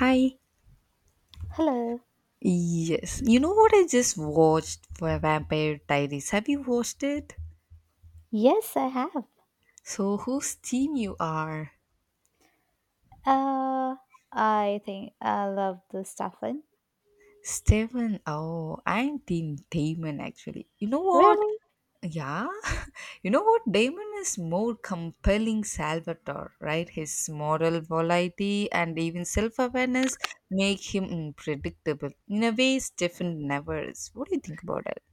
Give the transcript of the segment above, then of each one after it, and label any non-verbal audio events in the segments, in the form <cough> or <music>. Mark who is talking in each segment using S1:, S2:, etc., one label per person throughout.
S1: Hi.
S2: Hello.
S1: Yes. You know what I just watched for Vampire Diaries? Have you watched it?
S2: Yes, I have.
S1: So whose team you are?
S2: Uh, I think I love the Stefan.
S1: Steven. Oh, I'm team Damon actually. You know what?
S2: Really?
S1: Yeah. <laughs> You know what? Damon is more compelling Salvatore, right? His moral variety and even self-awareness make him unpredictable in a way Stefan never is. What do you think about it?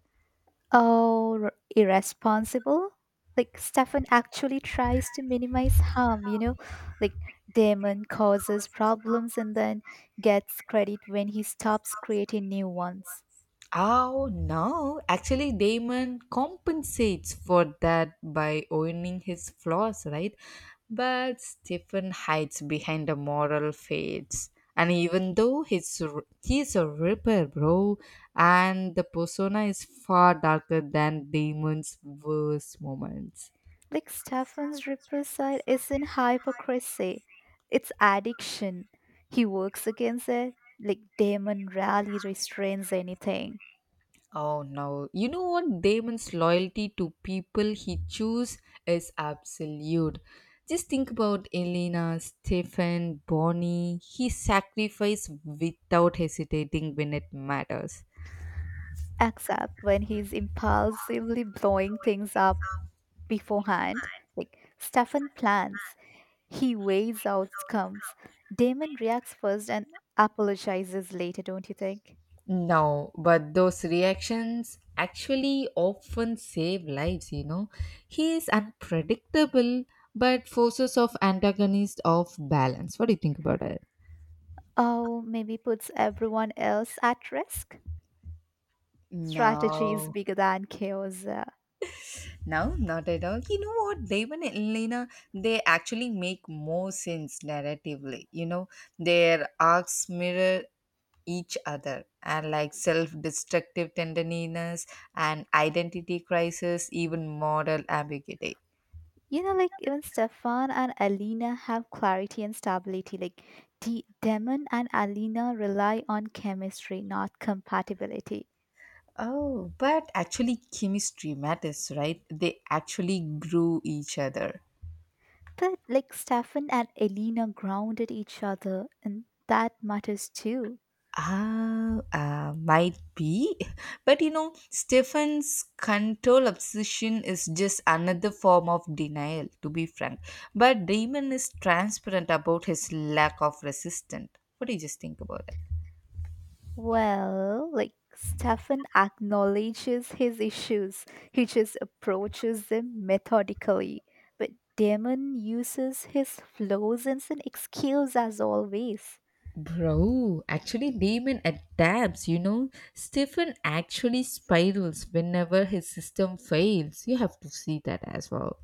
S2: Oh, irresponsible. Like Stefan actually tries to minimize harm, you know? Like Damon causes problems and then gets credit when he stops creating new ones.
S1: Oh no, actually Damon compensates for that by owning his flaws, right? But Stephen hides behind the moral fades. And even though he's a ripper, bro, and the persona is far darker than Damon's worst moments.
S2: Like Stefan's ripple side isn't hypocrisy. It's addiction. He works against it. Like Damon rarely restrains anything.
S1: Oh no. You know what? Damon's loyalty to people he choose is absolute. Just think about Elena, Stephen, Bonnie. He sacrificed without hesitating when it matters.
S2: Except when he's impulsively blowing things up beforehand. Like Stefan plans, he weighs outcomes. Damon reacts first and apologizes later, don't you think?
S1: No, but those reactions actually often save lives, you know. He is unpredictable, but forces of antagonist of balance. What do you think about it?
S2: Oh, maybe puts everyone else at risk. Strategy is
S1: No.
S2: bigger than chaos.
S1: No, not at all. You know what, Devan and Elena, they actually make more sense narratively. You know, their arcs mirror each other and like self-destructive tenderness and identity crisis even moral ambiguity.
S2: You know, like even Stefan and Alina have clarity and stability. Like Demon and Alina rely on chemistry, not compatibility.
S1: Oh, but actually chemistry matters, right? They actually grew each other.
S2: But like Stefan and Alina grounded each other, and that matters too.
S1: Ah, might be. <laughs> But you know, Stefan's control obsession is just another form of denial, to be frank. But Damon is transparent about his lack of resistance. What do you just think about that?
S2: Well, like Stefan acknowledges his issues, he just approaches them methodically. But Demon uses his flaws as an excuse, as always.
S1: Bro, actually, Damon adapts, you know. Stefan actually spirals whenever his system fails. You have to see that as well.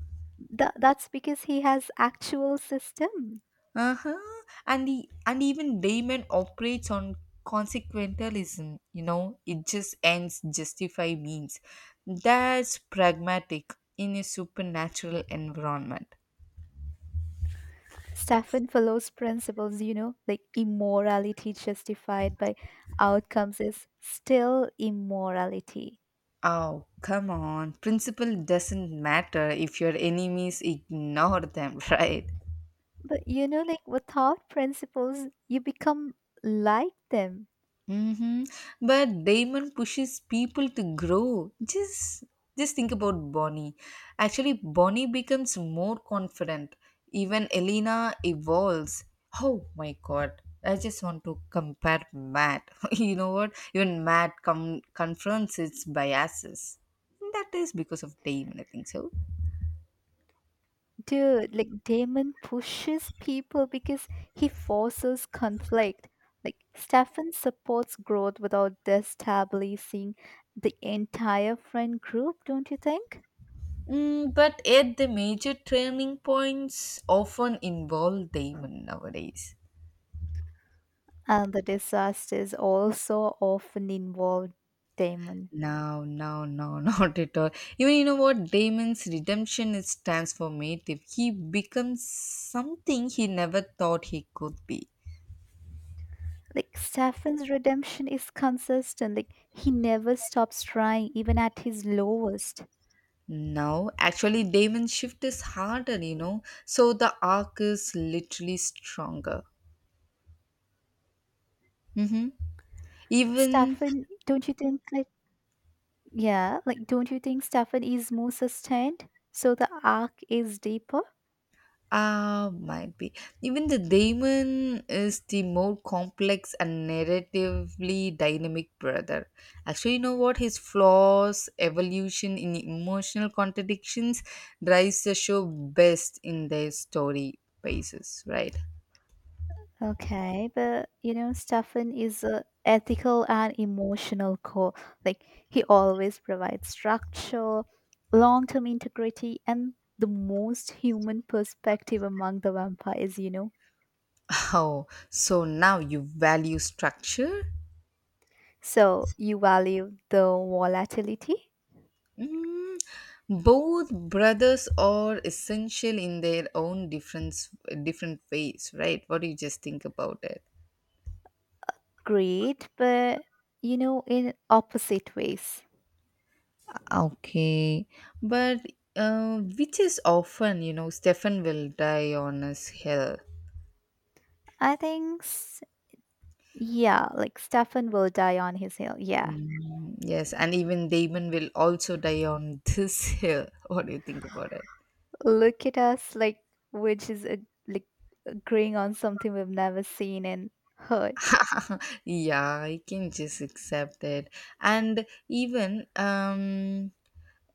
S2: That's because he has actual system.
S1: Uh-huh. And even Damon operates on consequentialism, you know, it just ends justify means. That's pragmatic in a supernatural environment.
S2: Stefan follows principles, you know, like immorality justified by outcomes is still immorality.
S1: Oh, come on. Principle doesn't matter if your enemies ignore them, <laughs> right?
S2: But you know, like without principles, you become like them.
S1: Mhm. But Damon pushes people to grow. Just think about Bonnie. Actually, Bonnie becomes more confident. Even Elena evolves. Oh my god. I just want to compare Matt. <laughs> You know what? Even confronts its biases. That is because of Damon, I think so.
S2: Dude, like Damon pushes people because he forces conflict. Like Stefan supports growth without destabilizing the entire friend group, don't you think?
S1: Mm, but yet, the major turning points often involve Damon nowadays.
S2: And the disasters also often involve Damon.
S1: No, no, no, <laughs> not at all. Even you know what? Damon's redemption is transformative. He becomes something he never thought he could be.
S2: Like Stefan's redemption is consistent. Like he never stops trying, even at his lowest.
S1: No, actually, Damon's shift is harder, you know. So the arc is literally stronger. Mm-hmm. Even.
S2: Stefan, don't you think like yeah, like don't you think Stefan is more sustained? So the arc is deeper?
S1: Ah, might be. Even the daemon is the more complex and narratively dynamic brother. Actually, you know what? His flaws, evolution in emotional contradictions drives the show best in their story basis, right? <laughs>
S2: Okay, but you know, Stefan is a ethical and emotional core. Like he always provides structure, long-term integrity, and the most human perspective among the vampires, you know.
S1: Oh, so now you value structure?
S2: So you value the volatility?
S1: Mm, both brothers are essential in their own different ways, right? What do you just think about it?
S2: Great, but you know, in opposite ways.
S1: Okay, but which is often, you know, Stefan will die on his hill.
S2: I think, yeah, like Stefan will die on his hill. Yeah.
S1: Mm, yes, and even Damon will also die on this hill. <laughs> What do you think about it?
S2: Look at us, like, which is a like agreeing on something we've never seen and heard.
S1: <laughs> Yeah, I can just accept it. And even,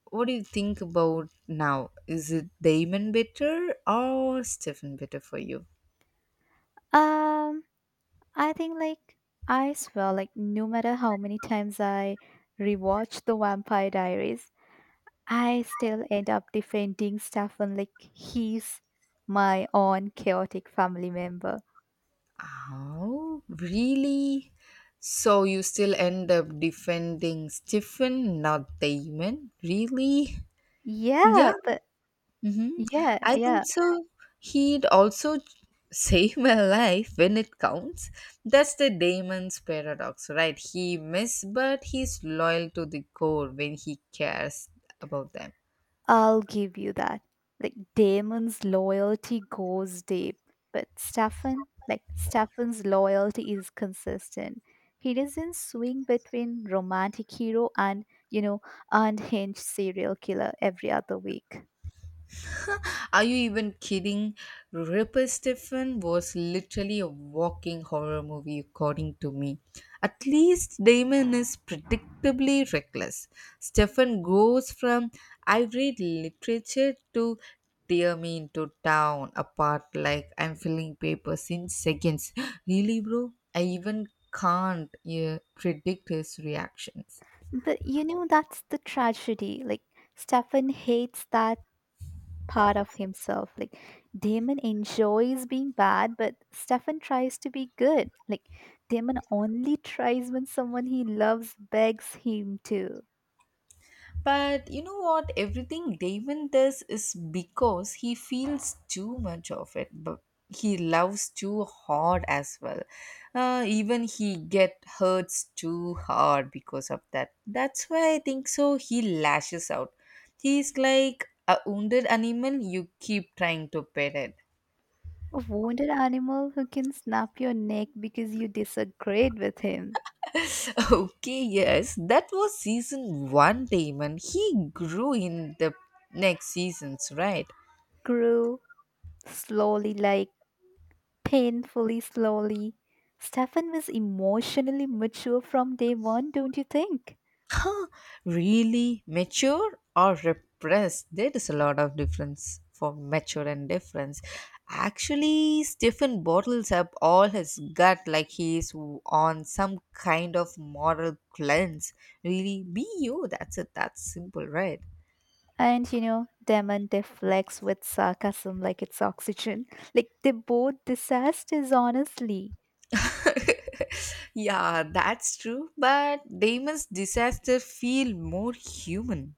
S1: what do you think about now? Is it Damon better or Stefan better for you?
S2: Um, I think like I swear, like no matter how many times I rewatch the Vampire Diaries, I still end up defending Stefan like he's my own chaotic family member.
S1: Oh, really? So you still end up defending Stephen, not Damon? Really?
S2: Yeah,
S1: Yeah.
S2: but
S1: Mm-hmm.
S2: yeah,
S1: I think
S2: yeah.
S1: so. He'd also save my life when it counts. That's the Damon's paradox, right? He miss, but he's loyal to the core when he cares about them.
S2: I'll give you that. Like Damon's loyalty goes deep, but Stefan, like Stefan's loyalty is consistent. He doesn't swing between romantic hero and, you know, unhinged serial killer every other week.
S1: Are you even kidding? Ripper Stephen was literally a walking horror movie, according to me. At least Damon is predictably reckless. Stephen goes from I read literature to tear me into town apart like I'm filling papers in seconds. Really, bro? I even can't, yeah, predict his reactions.
S2: But you know that's the tragedy. Like Stefan hates that part of himself. Like Damon enjoys being bad, but Stefan tries to be good. Like Damon only tries when someone he loves begs him to.
S1: But you know what? Everything Damon does is because he feels too much of it, but he loves too hard as well. Even he get hurts too hard because of that. That's why I think so. He lashes out. He's like a wounded animal. You keep trying to pet it.
S2: A wounded animal who can snap your neck because you disagreed with him
S1: <laughs> Okay, yes, that was season one, Damon. He grew in the next seasons, right?
S2: grew slowly, like painfully slowly. Stefan was emotionally mature from day one, don't you think?
S1: Really mature or repressed? There is a lot of difference for mature and difference. Actually Stephen bottles up all his gut, like he is on some kind of moral cleanse. Really be you, that's it, that's simple, right?
S2: And you know, Damon deflects with sarcasm like it's oxygen. <laughs> Like they both disasters, honestly.
S1: <laughs> Yeah, that's true, but Damon's disaster feel more human.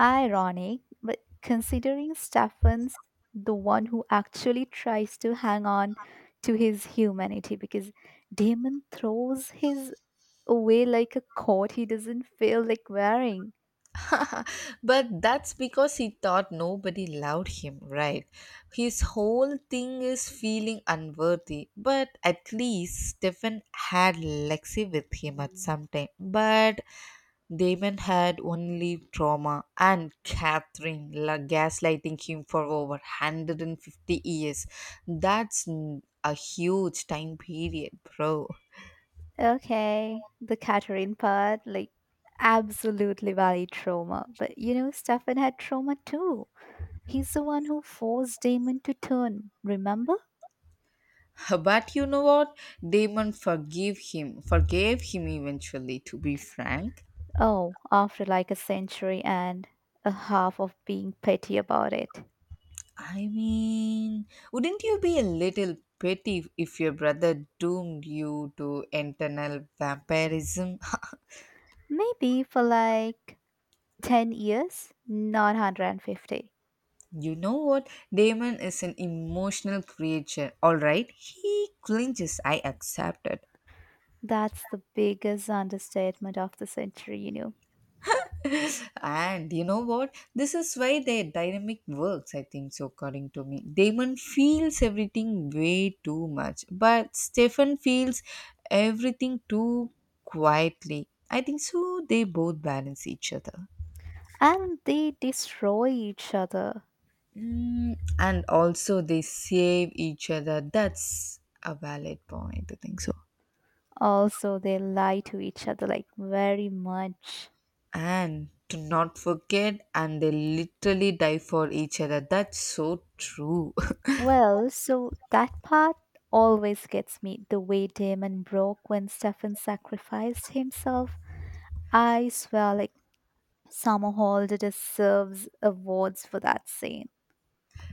S2: Ironic, but considering Stefan's the one who actually tries to hang on to his humanity because Damon throws his away like a coat he doesn't feel like wearing.
S1: <laughs> But that's because he thought nobody loved him, right? His whole thing is feeling unworthy. But at least Stefan had Lexi with him at some time. But Damon had only trauma and gaslighting him for over 150 years. A huge time period, bro.
S2: Okay, the Catherine part, like absolutely valid trauma. But you know, Stefan had trauma too. He's the one who forced Damon to turn, remember?
S1: But you know what? Forgave him eventually, to be frank.
S2: Oh, after like a century and a half of being petty about it.
S1: I mean, wouldn't you be a little petty if your brother doomed you to eternal vampirism?
S2: Maybe for like 10 years, not 150.
S1: <laughs> You know what? Damon is an emotional creature, alright? He clinches, I accept it.
S2: That's the biggest understatement of the century, you know.
S1: And you know what? This is why their dynamic works, I think so, according to me. Damon feels everything way too much, but Stefan feels everything too quietly. I think so, they both balance each other.
S2: And they destroy each other.
S1: Mm, and also, they save each other. That's a valid point, I think so.
S2: Also, they lie to each other like very much.
S1: And to not forget, and they literally die for each other. That's so true. <laughs>
S2: Well, so that part always gets me. The way Damon broke when Stefan sacrificed himself. I swear, like, Summerhold deserves awards for that scene.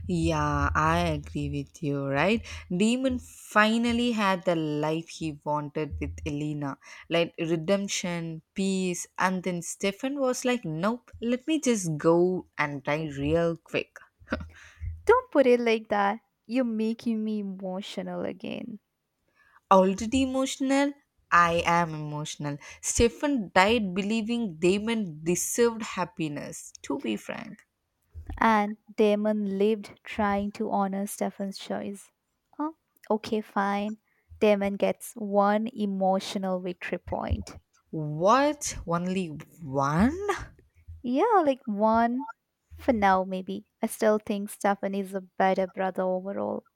S1: Yeah, I agree with you, right? Demon finally had the life he wanted with Elena. Like redemption, peace, and then Stefan was like, "Nope, let me just go and die real quick."
S2: Don't put it like that. You're making me emotional again.
S1: Already emotional? I am emotional. Stefan died believing Damon deserved happiness, to be frank.
S2: And Damon lived trying to honor Stefan's choice. Oh, okay, fine. Damon gets one emotional victory point.
S1: What? Only one?
S2: Yeah, like one for now, maybe. I still think Stefan is a better brother overall.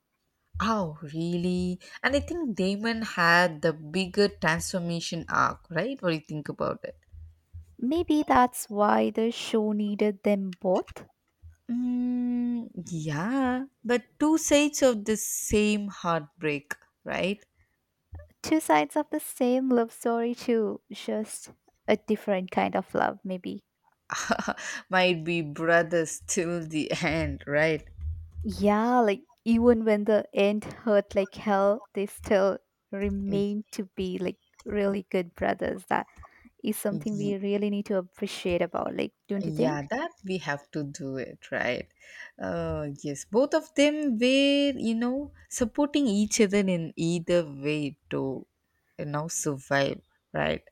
S1: Oh, really? And I think Damon had the bigger transformation arc, right? What do you think about it?
S2: Maybe that's why the show needed them both.
S1: Mm, yeah, but two sides of the same heartbreak, right?
S2: Two sides of the same love story, too. Just a different kind of love, maybe.
S1: <laughs> Might be brothers till the end, right?
S2: Yeah, like even when the end hurt like hell, they still
S1: Y-
S2: remain to be like really good brothers. That is something we
S1: y-
S2: really need to appreciate about, like, don't you think?
S1: Yeah, that we have to do it, right? Yes, both of them were, you know, supporting each other in either way to, you know, survive, right?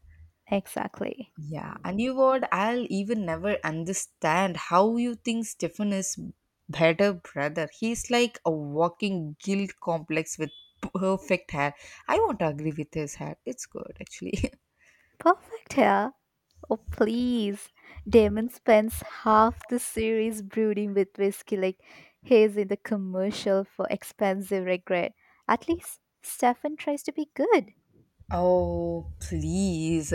S2: Exactly.
S1: Yeah, and you what? I'll even never understand how you think Stefan is better brother. He's like a walking guilt complex with perfect hair. I won't agree with his hair. It's good actually. <laughs>
S2: Perfect, yeah. Oh, please. Damon spends half the series brooding with whiskey like he's in the commercial for expensive regret. At least Stefan tries to be good.
S1: Oh, please.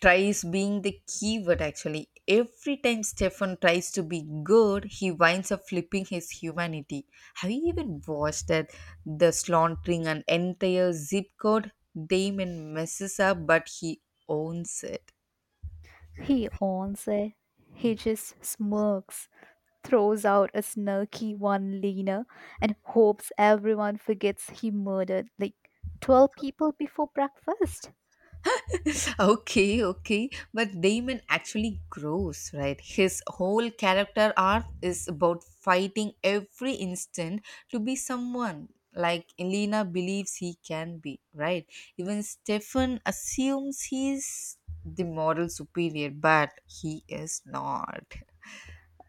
S1: Tries being the keyword actually. Every time Stefan tries to be good, he winds up flipping his humanity. Have you even watched that? The slaughtering an entire zip code. Damon messes up, but he owns it.
S2: He owns it. He just smirks, throws out a snarky one liner, and hopes everyone forgets he murdered like 12 people before breakfast.
S1: Okay, okay, but Damon actually grows, right? His whole character arc is about fighting every instant to be someone like Elena believes he can be, right? Even Stefan assumes he's the moral superior, but he is not.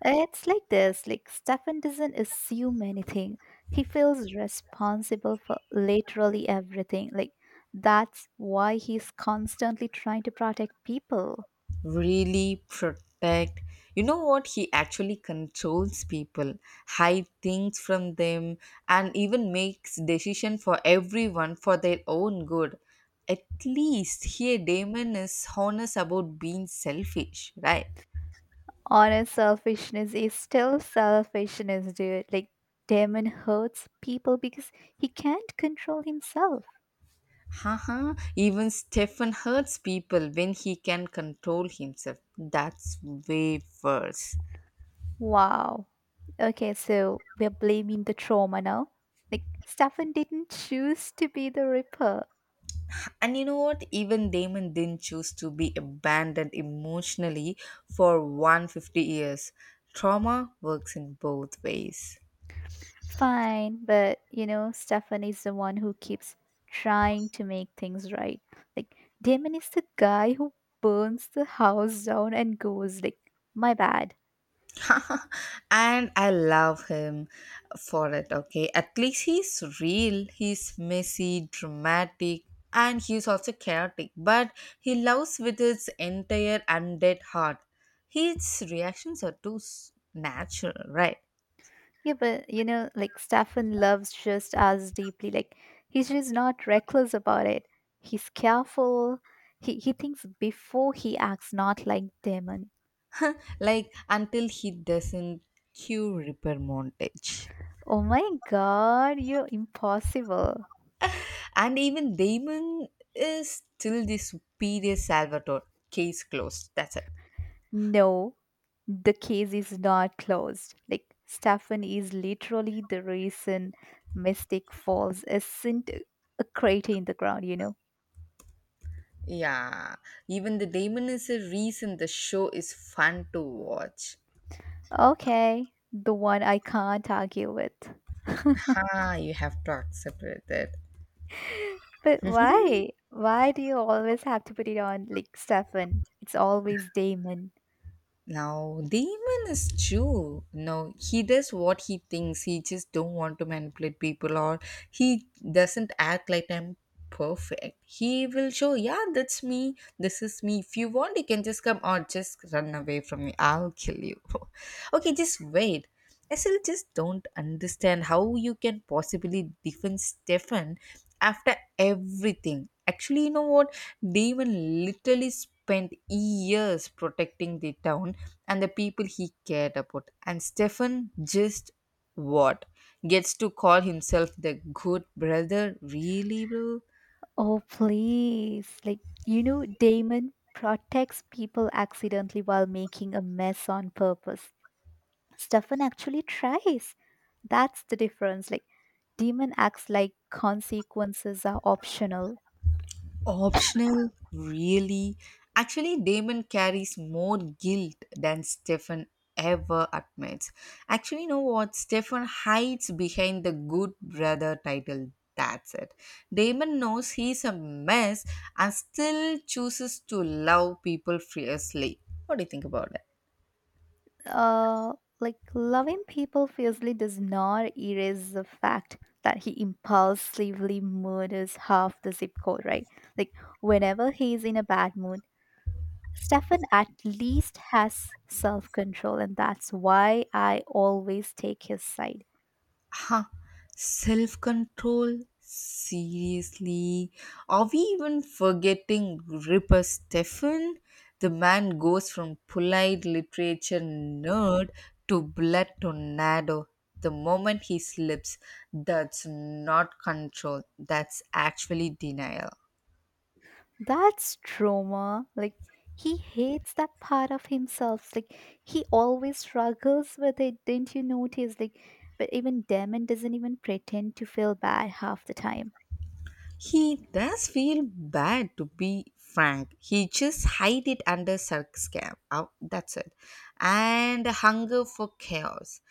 S2: It's like this like, Stefan doesn't assume anything. He feels responsible for literally everything. Like, that's why he's constantly trying to protect people.
S1: Really protect? You know what, he actually controls people, hide things from them, and even makes decision for everyone for their own good. At least here Damon is honest about being selfish, right?
S2: Honest selfishness is still selfishness, dude. Like, Damon hurts people because he can't control himself.
S1: Haha, even Stefan hurts people when he can control himself. That's way worse.
S2: Wow. Okay, so we're blaming the trauma now. Like, Stefan didn't choose to be the Ripper.
S1: And you know what? Even Damon didn't choose to be abandoned emotionally for 150 years. Trauma works in both ways.
S2: Fine, but you know, Stefan is the one who keeps trying to make things right. Like, Damon is the guy who burns the house down and goes, like, my bad.
S1: <laughs> And I love him for it, okay? At least he's real, he's messy, dramatic, and he's also chaotic, but he loves with his entire undead heart. His reactions are too natural, right?
S2: Yeah, but you know, like, Stefan loves just as deeply. Like, he's just not reckless about it. He's careful. He thinks before he acts, not like Damon.
S1: Like until he doesn't, cue repair montage.
S2: Oh my god, you're impossible.
S1: And even Damon is still the superior Salvatore. Case closed. That's it.
S2: No, the case is not closed. Like, Stefan is literally the reason Mystic Falls isn't a crater in the ground, you know?
S1: Yeah, even the Damon is a reason the show is fun to watch.
S2: Okay, the one I can't argue with. <laughs>
S1: Ha, you have to accept it.
S2: But why? Why do you always have to put it on, like, Stefan? It's always Damon.
S1: Now, the demon is true. No, he does what he thinks. He just don't want to manipulate people or he doesn't act like I'm perfect. He will show, yeah, that's me. This is me. If you want, you can just come or just run away from me. I'll kill you. <laughs> Okay, just wait. I still just don't understand how you can possibly defend Stefan after everything. Actually, you know what? Devon literally spent years protecting the town and the people he cared about. And Stefan just what? Gets to call himself the good brother? Really, bro?
S2: Oh, please. Like, you know, Damon protects people accidentally while making a mess on purpose. Stefan actually tries. That's the difference. Like, demon acts like consequences are optional.
S1: Optional? Really? Actually, Damon carries more guilt than Stefan ever admits. Actually, you know what? Stefan hides behind the good brother title. That's it. Damon knows he's a mess and still chooses to love people fiercely. What do you think about it?
S2: Uh, like, loving people fiercely does not erase the fact that he impulsively murders half the zip code, right? Like, whenever he's in a bad mood, Stefan at least has self control, and that's why I always take his side.
S1: Huh. Self control? Seriously? Are we even forgetting Ripper Stefan? The man goes from polite literature nerd to blood tornado the moment he slips. That's not control, that's actually denial.
S2: That's trauma. Like he hates that part of himself. Like he always struggles with it. Didn't you notice? Like, but even Damon doesn't even pretend to feel bad half the time.
S1: He does feel bad to be frank. He just hide it under sarcasm. Oh, that's it. And hunger for chaos,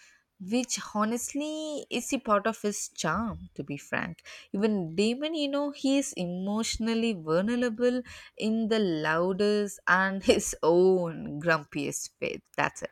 S1: which honestly is a part of his charm, to be frank. Even Damon, you know, he is emotionally vulnerable in the loudest and <laughs> his own grumpiest way. That's it.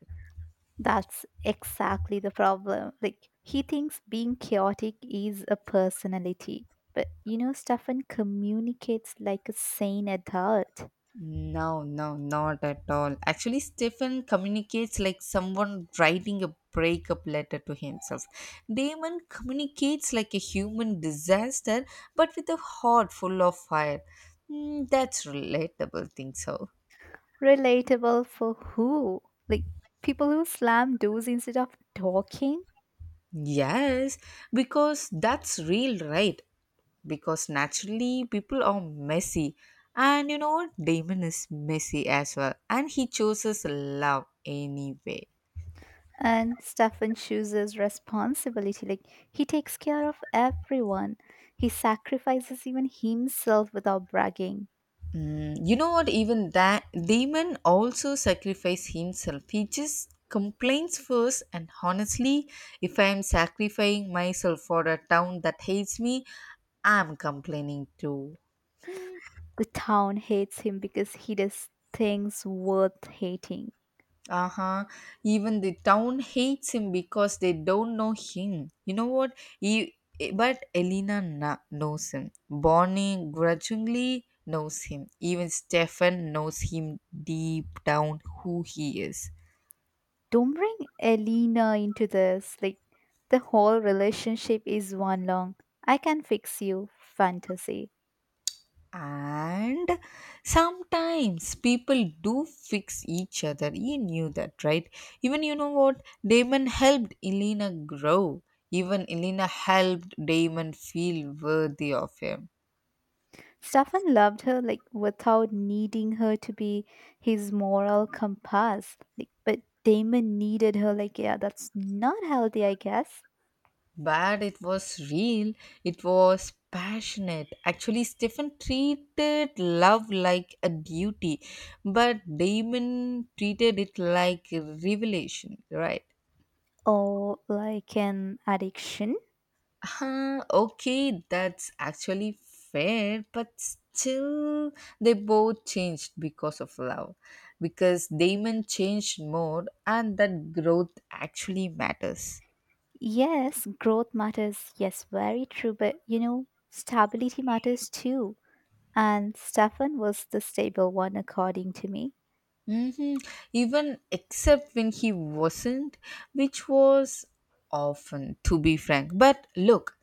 S2: That's exactly the problem. Like he thinks being chaotic is a personality. But you know, Stefan communicates like a sane adult.
S1: No, no, not at all. Actually, Stephen communicates like someone writing a breakup letter to himself. Damon communicates like a human disaster, but with a heart full of fire. Mm, that's relatable, think so.
S2: Relatable for who? Like people who slam doors instead of talking?
S1: Yes, because that's real, right? Because naturally, people are messy. And you know, Damon is messy as well. And he chooses love anyway.
S2: And Stefan chooses responsibility. Like he takes care of everyone. He sacrifices even himself without bragging.
S1: Mm, you know what? Even that demon also sacrifice himself. He just complains first, and honestly, if I am sacrificing myself for a town that hates me, I'm complaining too.
S2: The town hates him because he does things worth hating.
S1: Uh huh. Even the town hates him because they don't know him. You know what? But Elena knows him. Bonnie grudgingly knows him. Even Stefan knows him deep down who he is.
S2: Don't bring Elena into this. Like the whole relationship is one long I can fix you fantasy.
S1: And sometimes people do fix each other. He knew that, right? Even you know what Damon helped Elena grow. Even Elena helped Damon feel worthy of him.
S2: Stefan loved her like without needing her to be his moral compass. Like, but Damon needed her like yeah, that's not healthy, I guess.
S1: But it was real, it was passionate. Actually, Stephen treated love like a duty, but Damon treated it like a revelation, right?
S2: Or like an addiction.
S1: Okay, that's actually fair, but still, they both changed because of love. Because Damon changed more, and that growth actually matters.
S2: Yes, growth matters. Yes, very true. But you know, stability matters too. And Stefan was the stable one according to me.
S1: hmm Even except when he wasn't, which was often, to be frank. But look,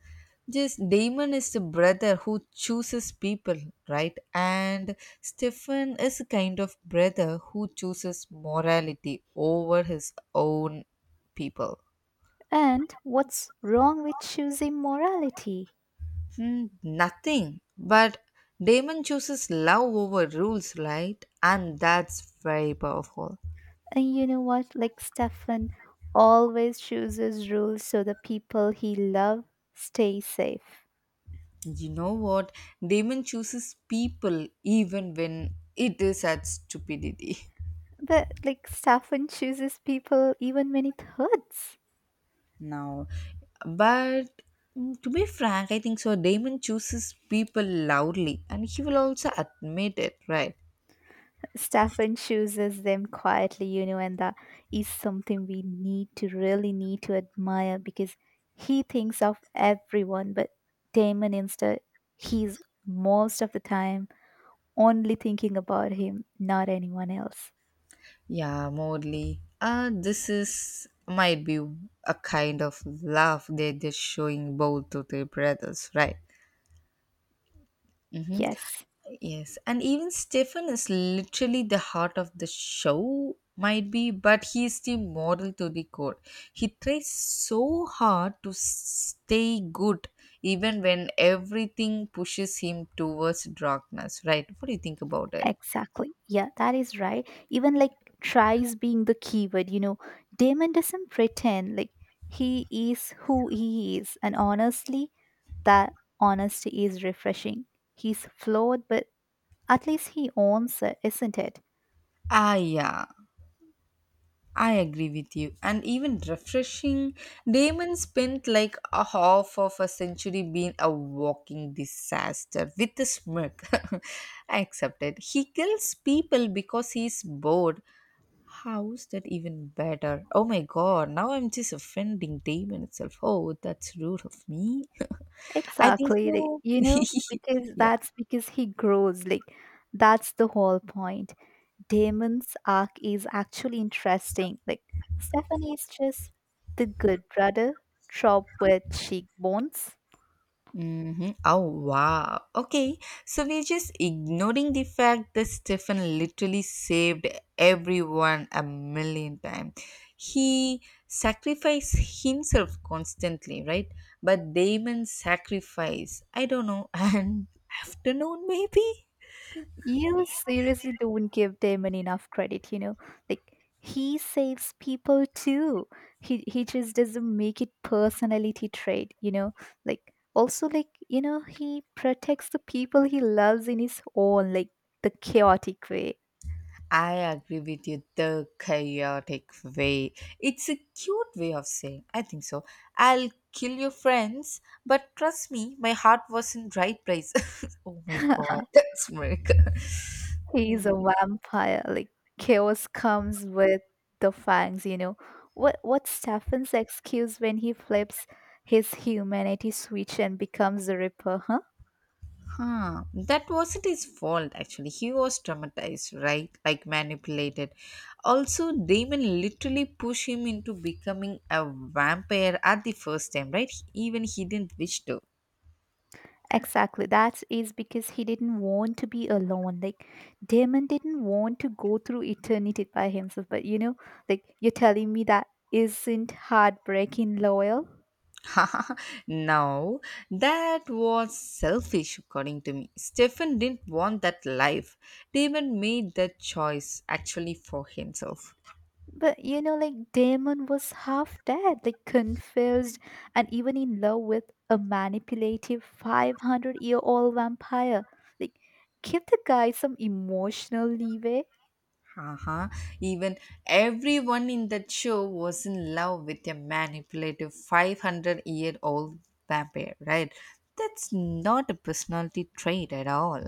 S1: just Damon is the brother who chooses people, right? And Stefan is a kind of brother who chooses morality over his own people.
S2: And what's wrong with choosing morality?
S1: Nothing. But Damon chooses love over rules, right? And that's very powerful.
S2: And you know what? Like Stefan always chooses rules so the people he loves stay safe.
S1: You know what? Damon chooses people even when it is at stupidity. <laughs>
S2: But like Stefan chooses people even when it hurts.
S1: Now, but to be frank, I think so. Damon chooses people loudly and he will also admit it, right?
S2: Stefan chooses them quietly, you know, and that is something we need to really need to admire because he thinks of everyone, but Damon instead, he's most of the time only thinking about him, not anyone else.
S1: Yeah, Morley. This is might be a kind of love that they're showing both to their brothers, right? Mm-hmm.
S2: Yes.
S1: Yes, and even Stefan is literally the heart of the show, might be, but he is the model to the core. He tries so hard to stay good, even when everything pushes him towards darkness, right? What do you think about it?
S2: Exactly. Yeah, that is right. Even like tries being the keyword, you know, Damon doesn't pretend like he is who he is. And honestly, that honesty is refreshing. He's flawed, but at least he owns it, isn't it?
S1: Yeah. I agree with you. And even refreshing, Damon spent like a half of a century being a walking disaster with a smirk. <laughs> I accept it. He kills people because he's bored. How's that even better? Oh my god, now I'm just offending Damon itself. Oh, that's rude of me. <laughs> I think
S2: Exactly. Like,
S1: so.
S2: you know, because
S1: <laughs> Yeah.
S2: that's because he grows. Like, that's the whole point. Damon's arc is actually interesting. Like Stephanie is just the good brother, trope with cheekbones.
S1: Oh, wow. Okay. So we're just ignoring the fact that Stefan literally saved everyone a million times. He sacrificed himself constantly, right? But Damon sacrificed, I don't know, <laughs> an afternoon maybe?
S2: You seriously don't give Damon enough credit, you know. Like he saves people too. He just doesn't make it personality trait, you know. Like also like, you know, he protects the people he loves in his own like the chaotic way.
S1: I agree with you. The chaotic way. It's a cute way of saying, I think so, I'll kill your friends, but trust me, my heart was in right place. <laughs> Oh my god,
S2: <laughs>
S1: that's America.
S2: He's a vampire. Like chaos comes with the fangs, you know. What's Stefan's excuse when he flips his humanity switch and becomes the Ripper, huh?
S1: Huh. That wasn't his fault actually. He was traumatized, right? Like manipulated. Also, Damon literally pushed him into becoming a vampire at the first time, right? Even he didn't wish to.
S2: Exactly. That is because he didn't want to be alone. Like Damon didn't want to go through eternity by himself. But you know, like you're telling me that isn't heartbreaking loyal?
S1: <laughs> Now that was selfish. According to me, Stephen didn't want that life. Damon made that choice actually for himself.
S2: But you know, like Damon was half dead, like confused, and even in love with a manipulative 500-year-old vampire. Like, give the guy some emotional leeway.
S1: Uh-huh. Even everyone in that show was in love with a manipulative 500-year-old vampire, right? That's not a personality trait at all.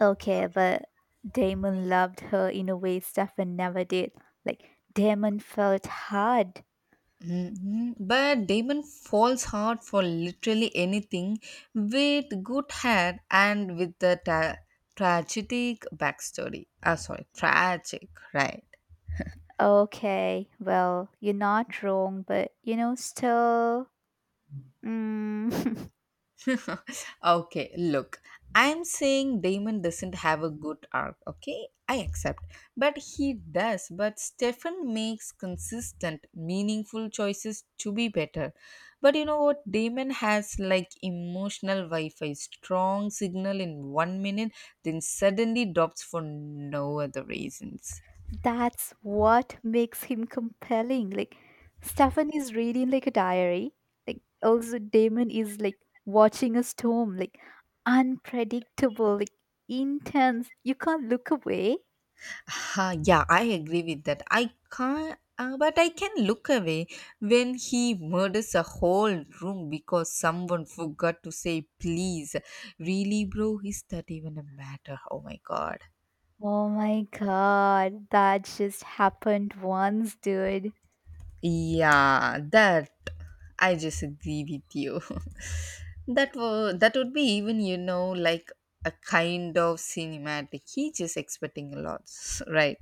S2: Okay, but Damon loved her in a way Stefan never did. Like, Damon felt hard.
S1: Mhm. But Damon falls hard for literally anything with good hair and with the tragic backstory. Ah, sorry, tragic, right?
S2: Okay, well, you're not wrong, but you know, still. Mm. <laughs>
S1: <laughs> Okay, look, I'm saying Damon doesn't have a good arc, okay? I accept. But Stefan makes consistent, meaningful choices to be better. But you know what? Damon has like emotional Wi Fi, strong signal in one minute, then suddenly drops for no other reasons.
S2: That's what makes him compelling. Like Stefan is reading like a diary. Like also Damon is like watching a storm, like unpredictable, like intense. You can't look away.
S1: Ha, yeah, I agree with that. I can't, but I can look away when he murders a whole room because someone forgot to say please. Really, bro? Is that even a matter? Oh my god.
S2: Oh my god, that just happened once, dude.
S1: Yeah, that I just agree with you. <laughs> that was that would be, even you know, like a kind of cinematic. He just expecting a lot, <laughs> right?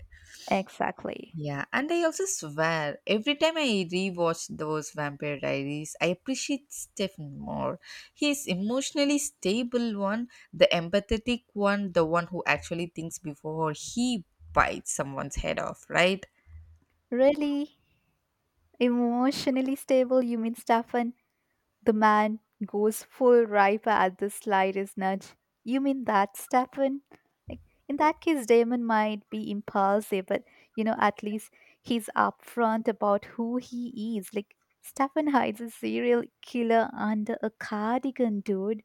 S2: Exactly.
S1: Yeah, and I also swear every time I rewatch those Vampire Diaries, I appreciate Stephen more. He's emotionally stable one, the empathetic one, the one who actually thinks before he bites someone's head off, right?
S2: Really? Emotionally stable, you mean Stefan? The man goes full ripe at the slightest nudge. You mean that, Stefan? Like in that case, Damon might be impulsive, but you know, at least he's upfront about who he is. Like Stefan hides a serial killer under a cardigan, dude.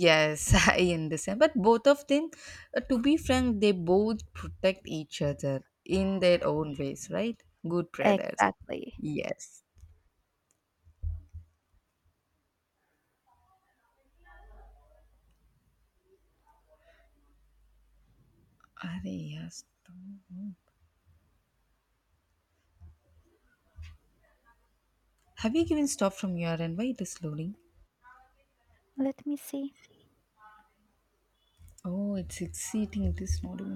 S1: Yes, <laughs> I understand. But both of them, to be frank, they both protect each other in their own ways, right? Good brothers.
S2: Exactly.
S1: Yes. Are they- yes. Have you given stop from your end? Why it is loading?
S2: Let me see.
S1: Oh, it's exciting. It is not even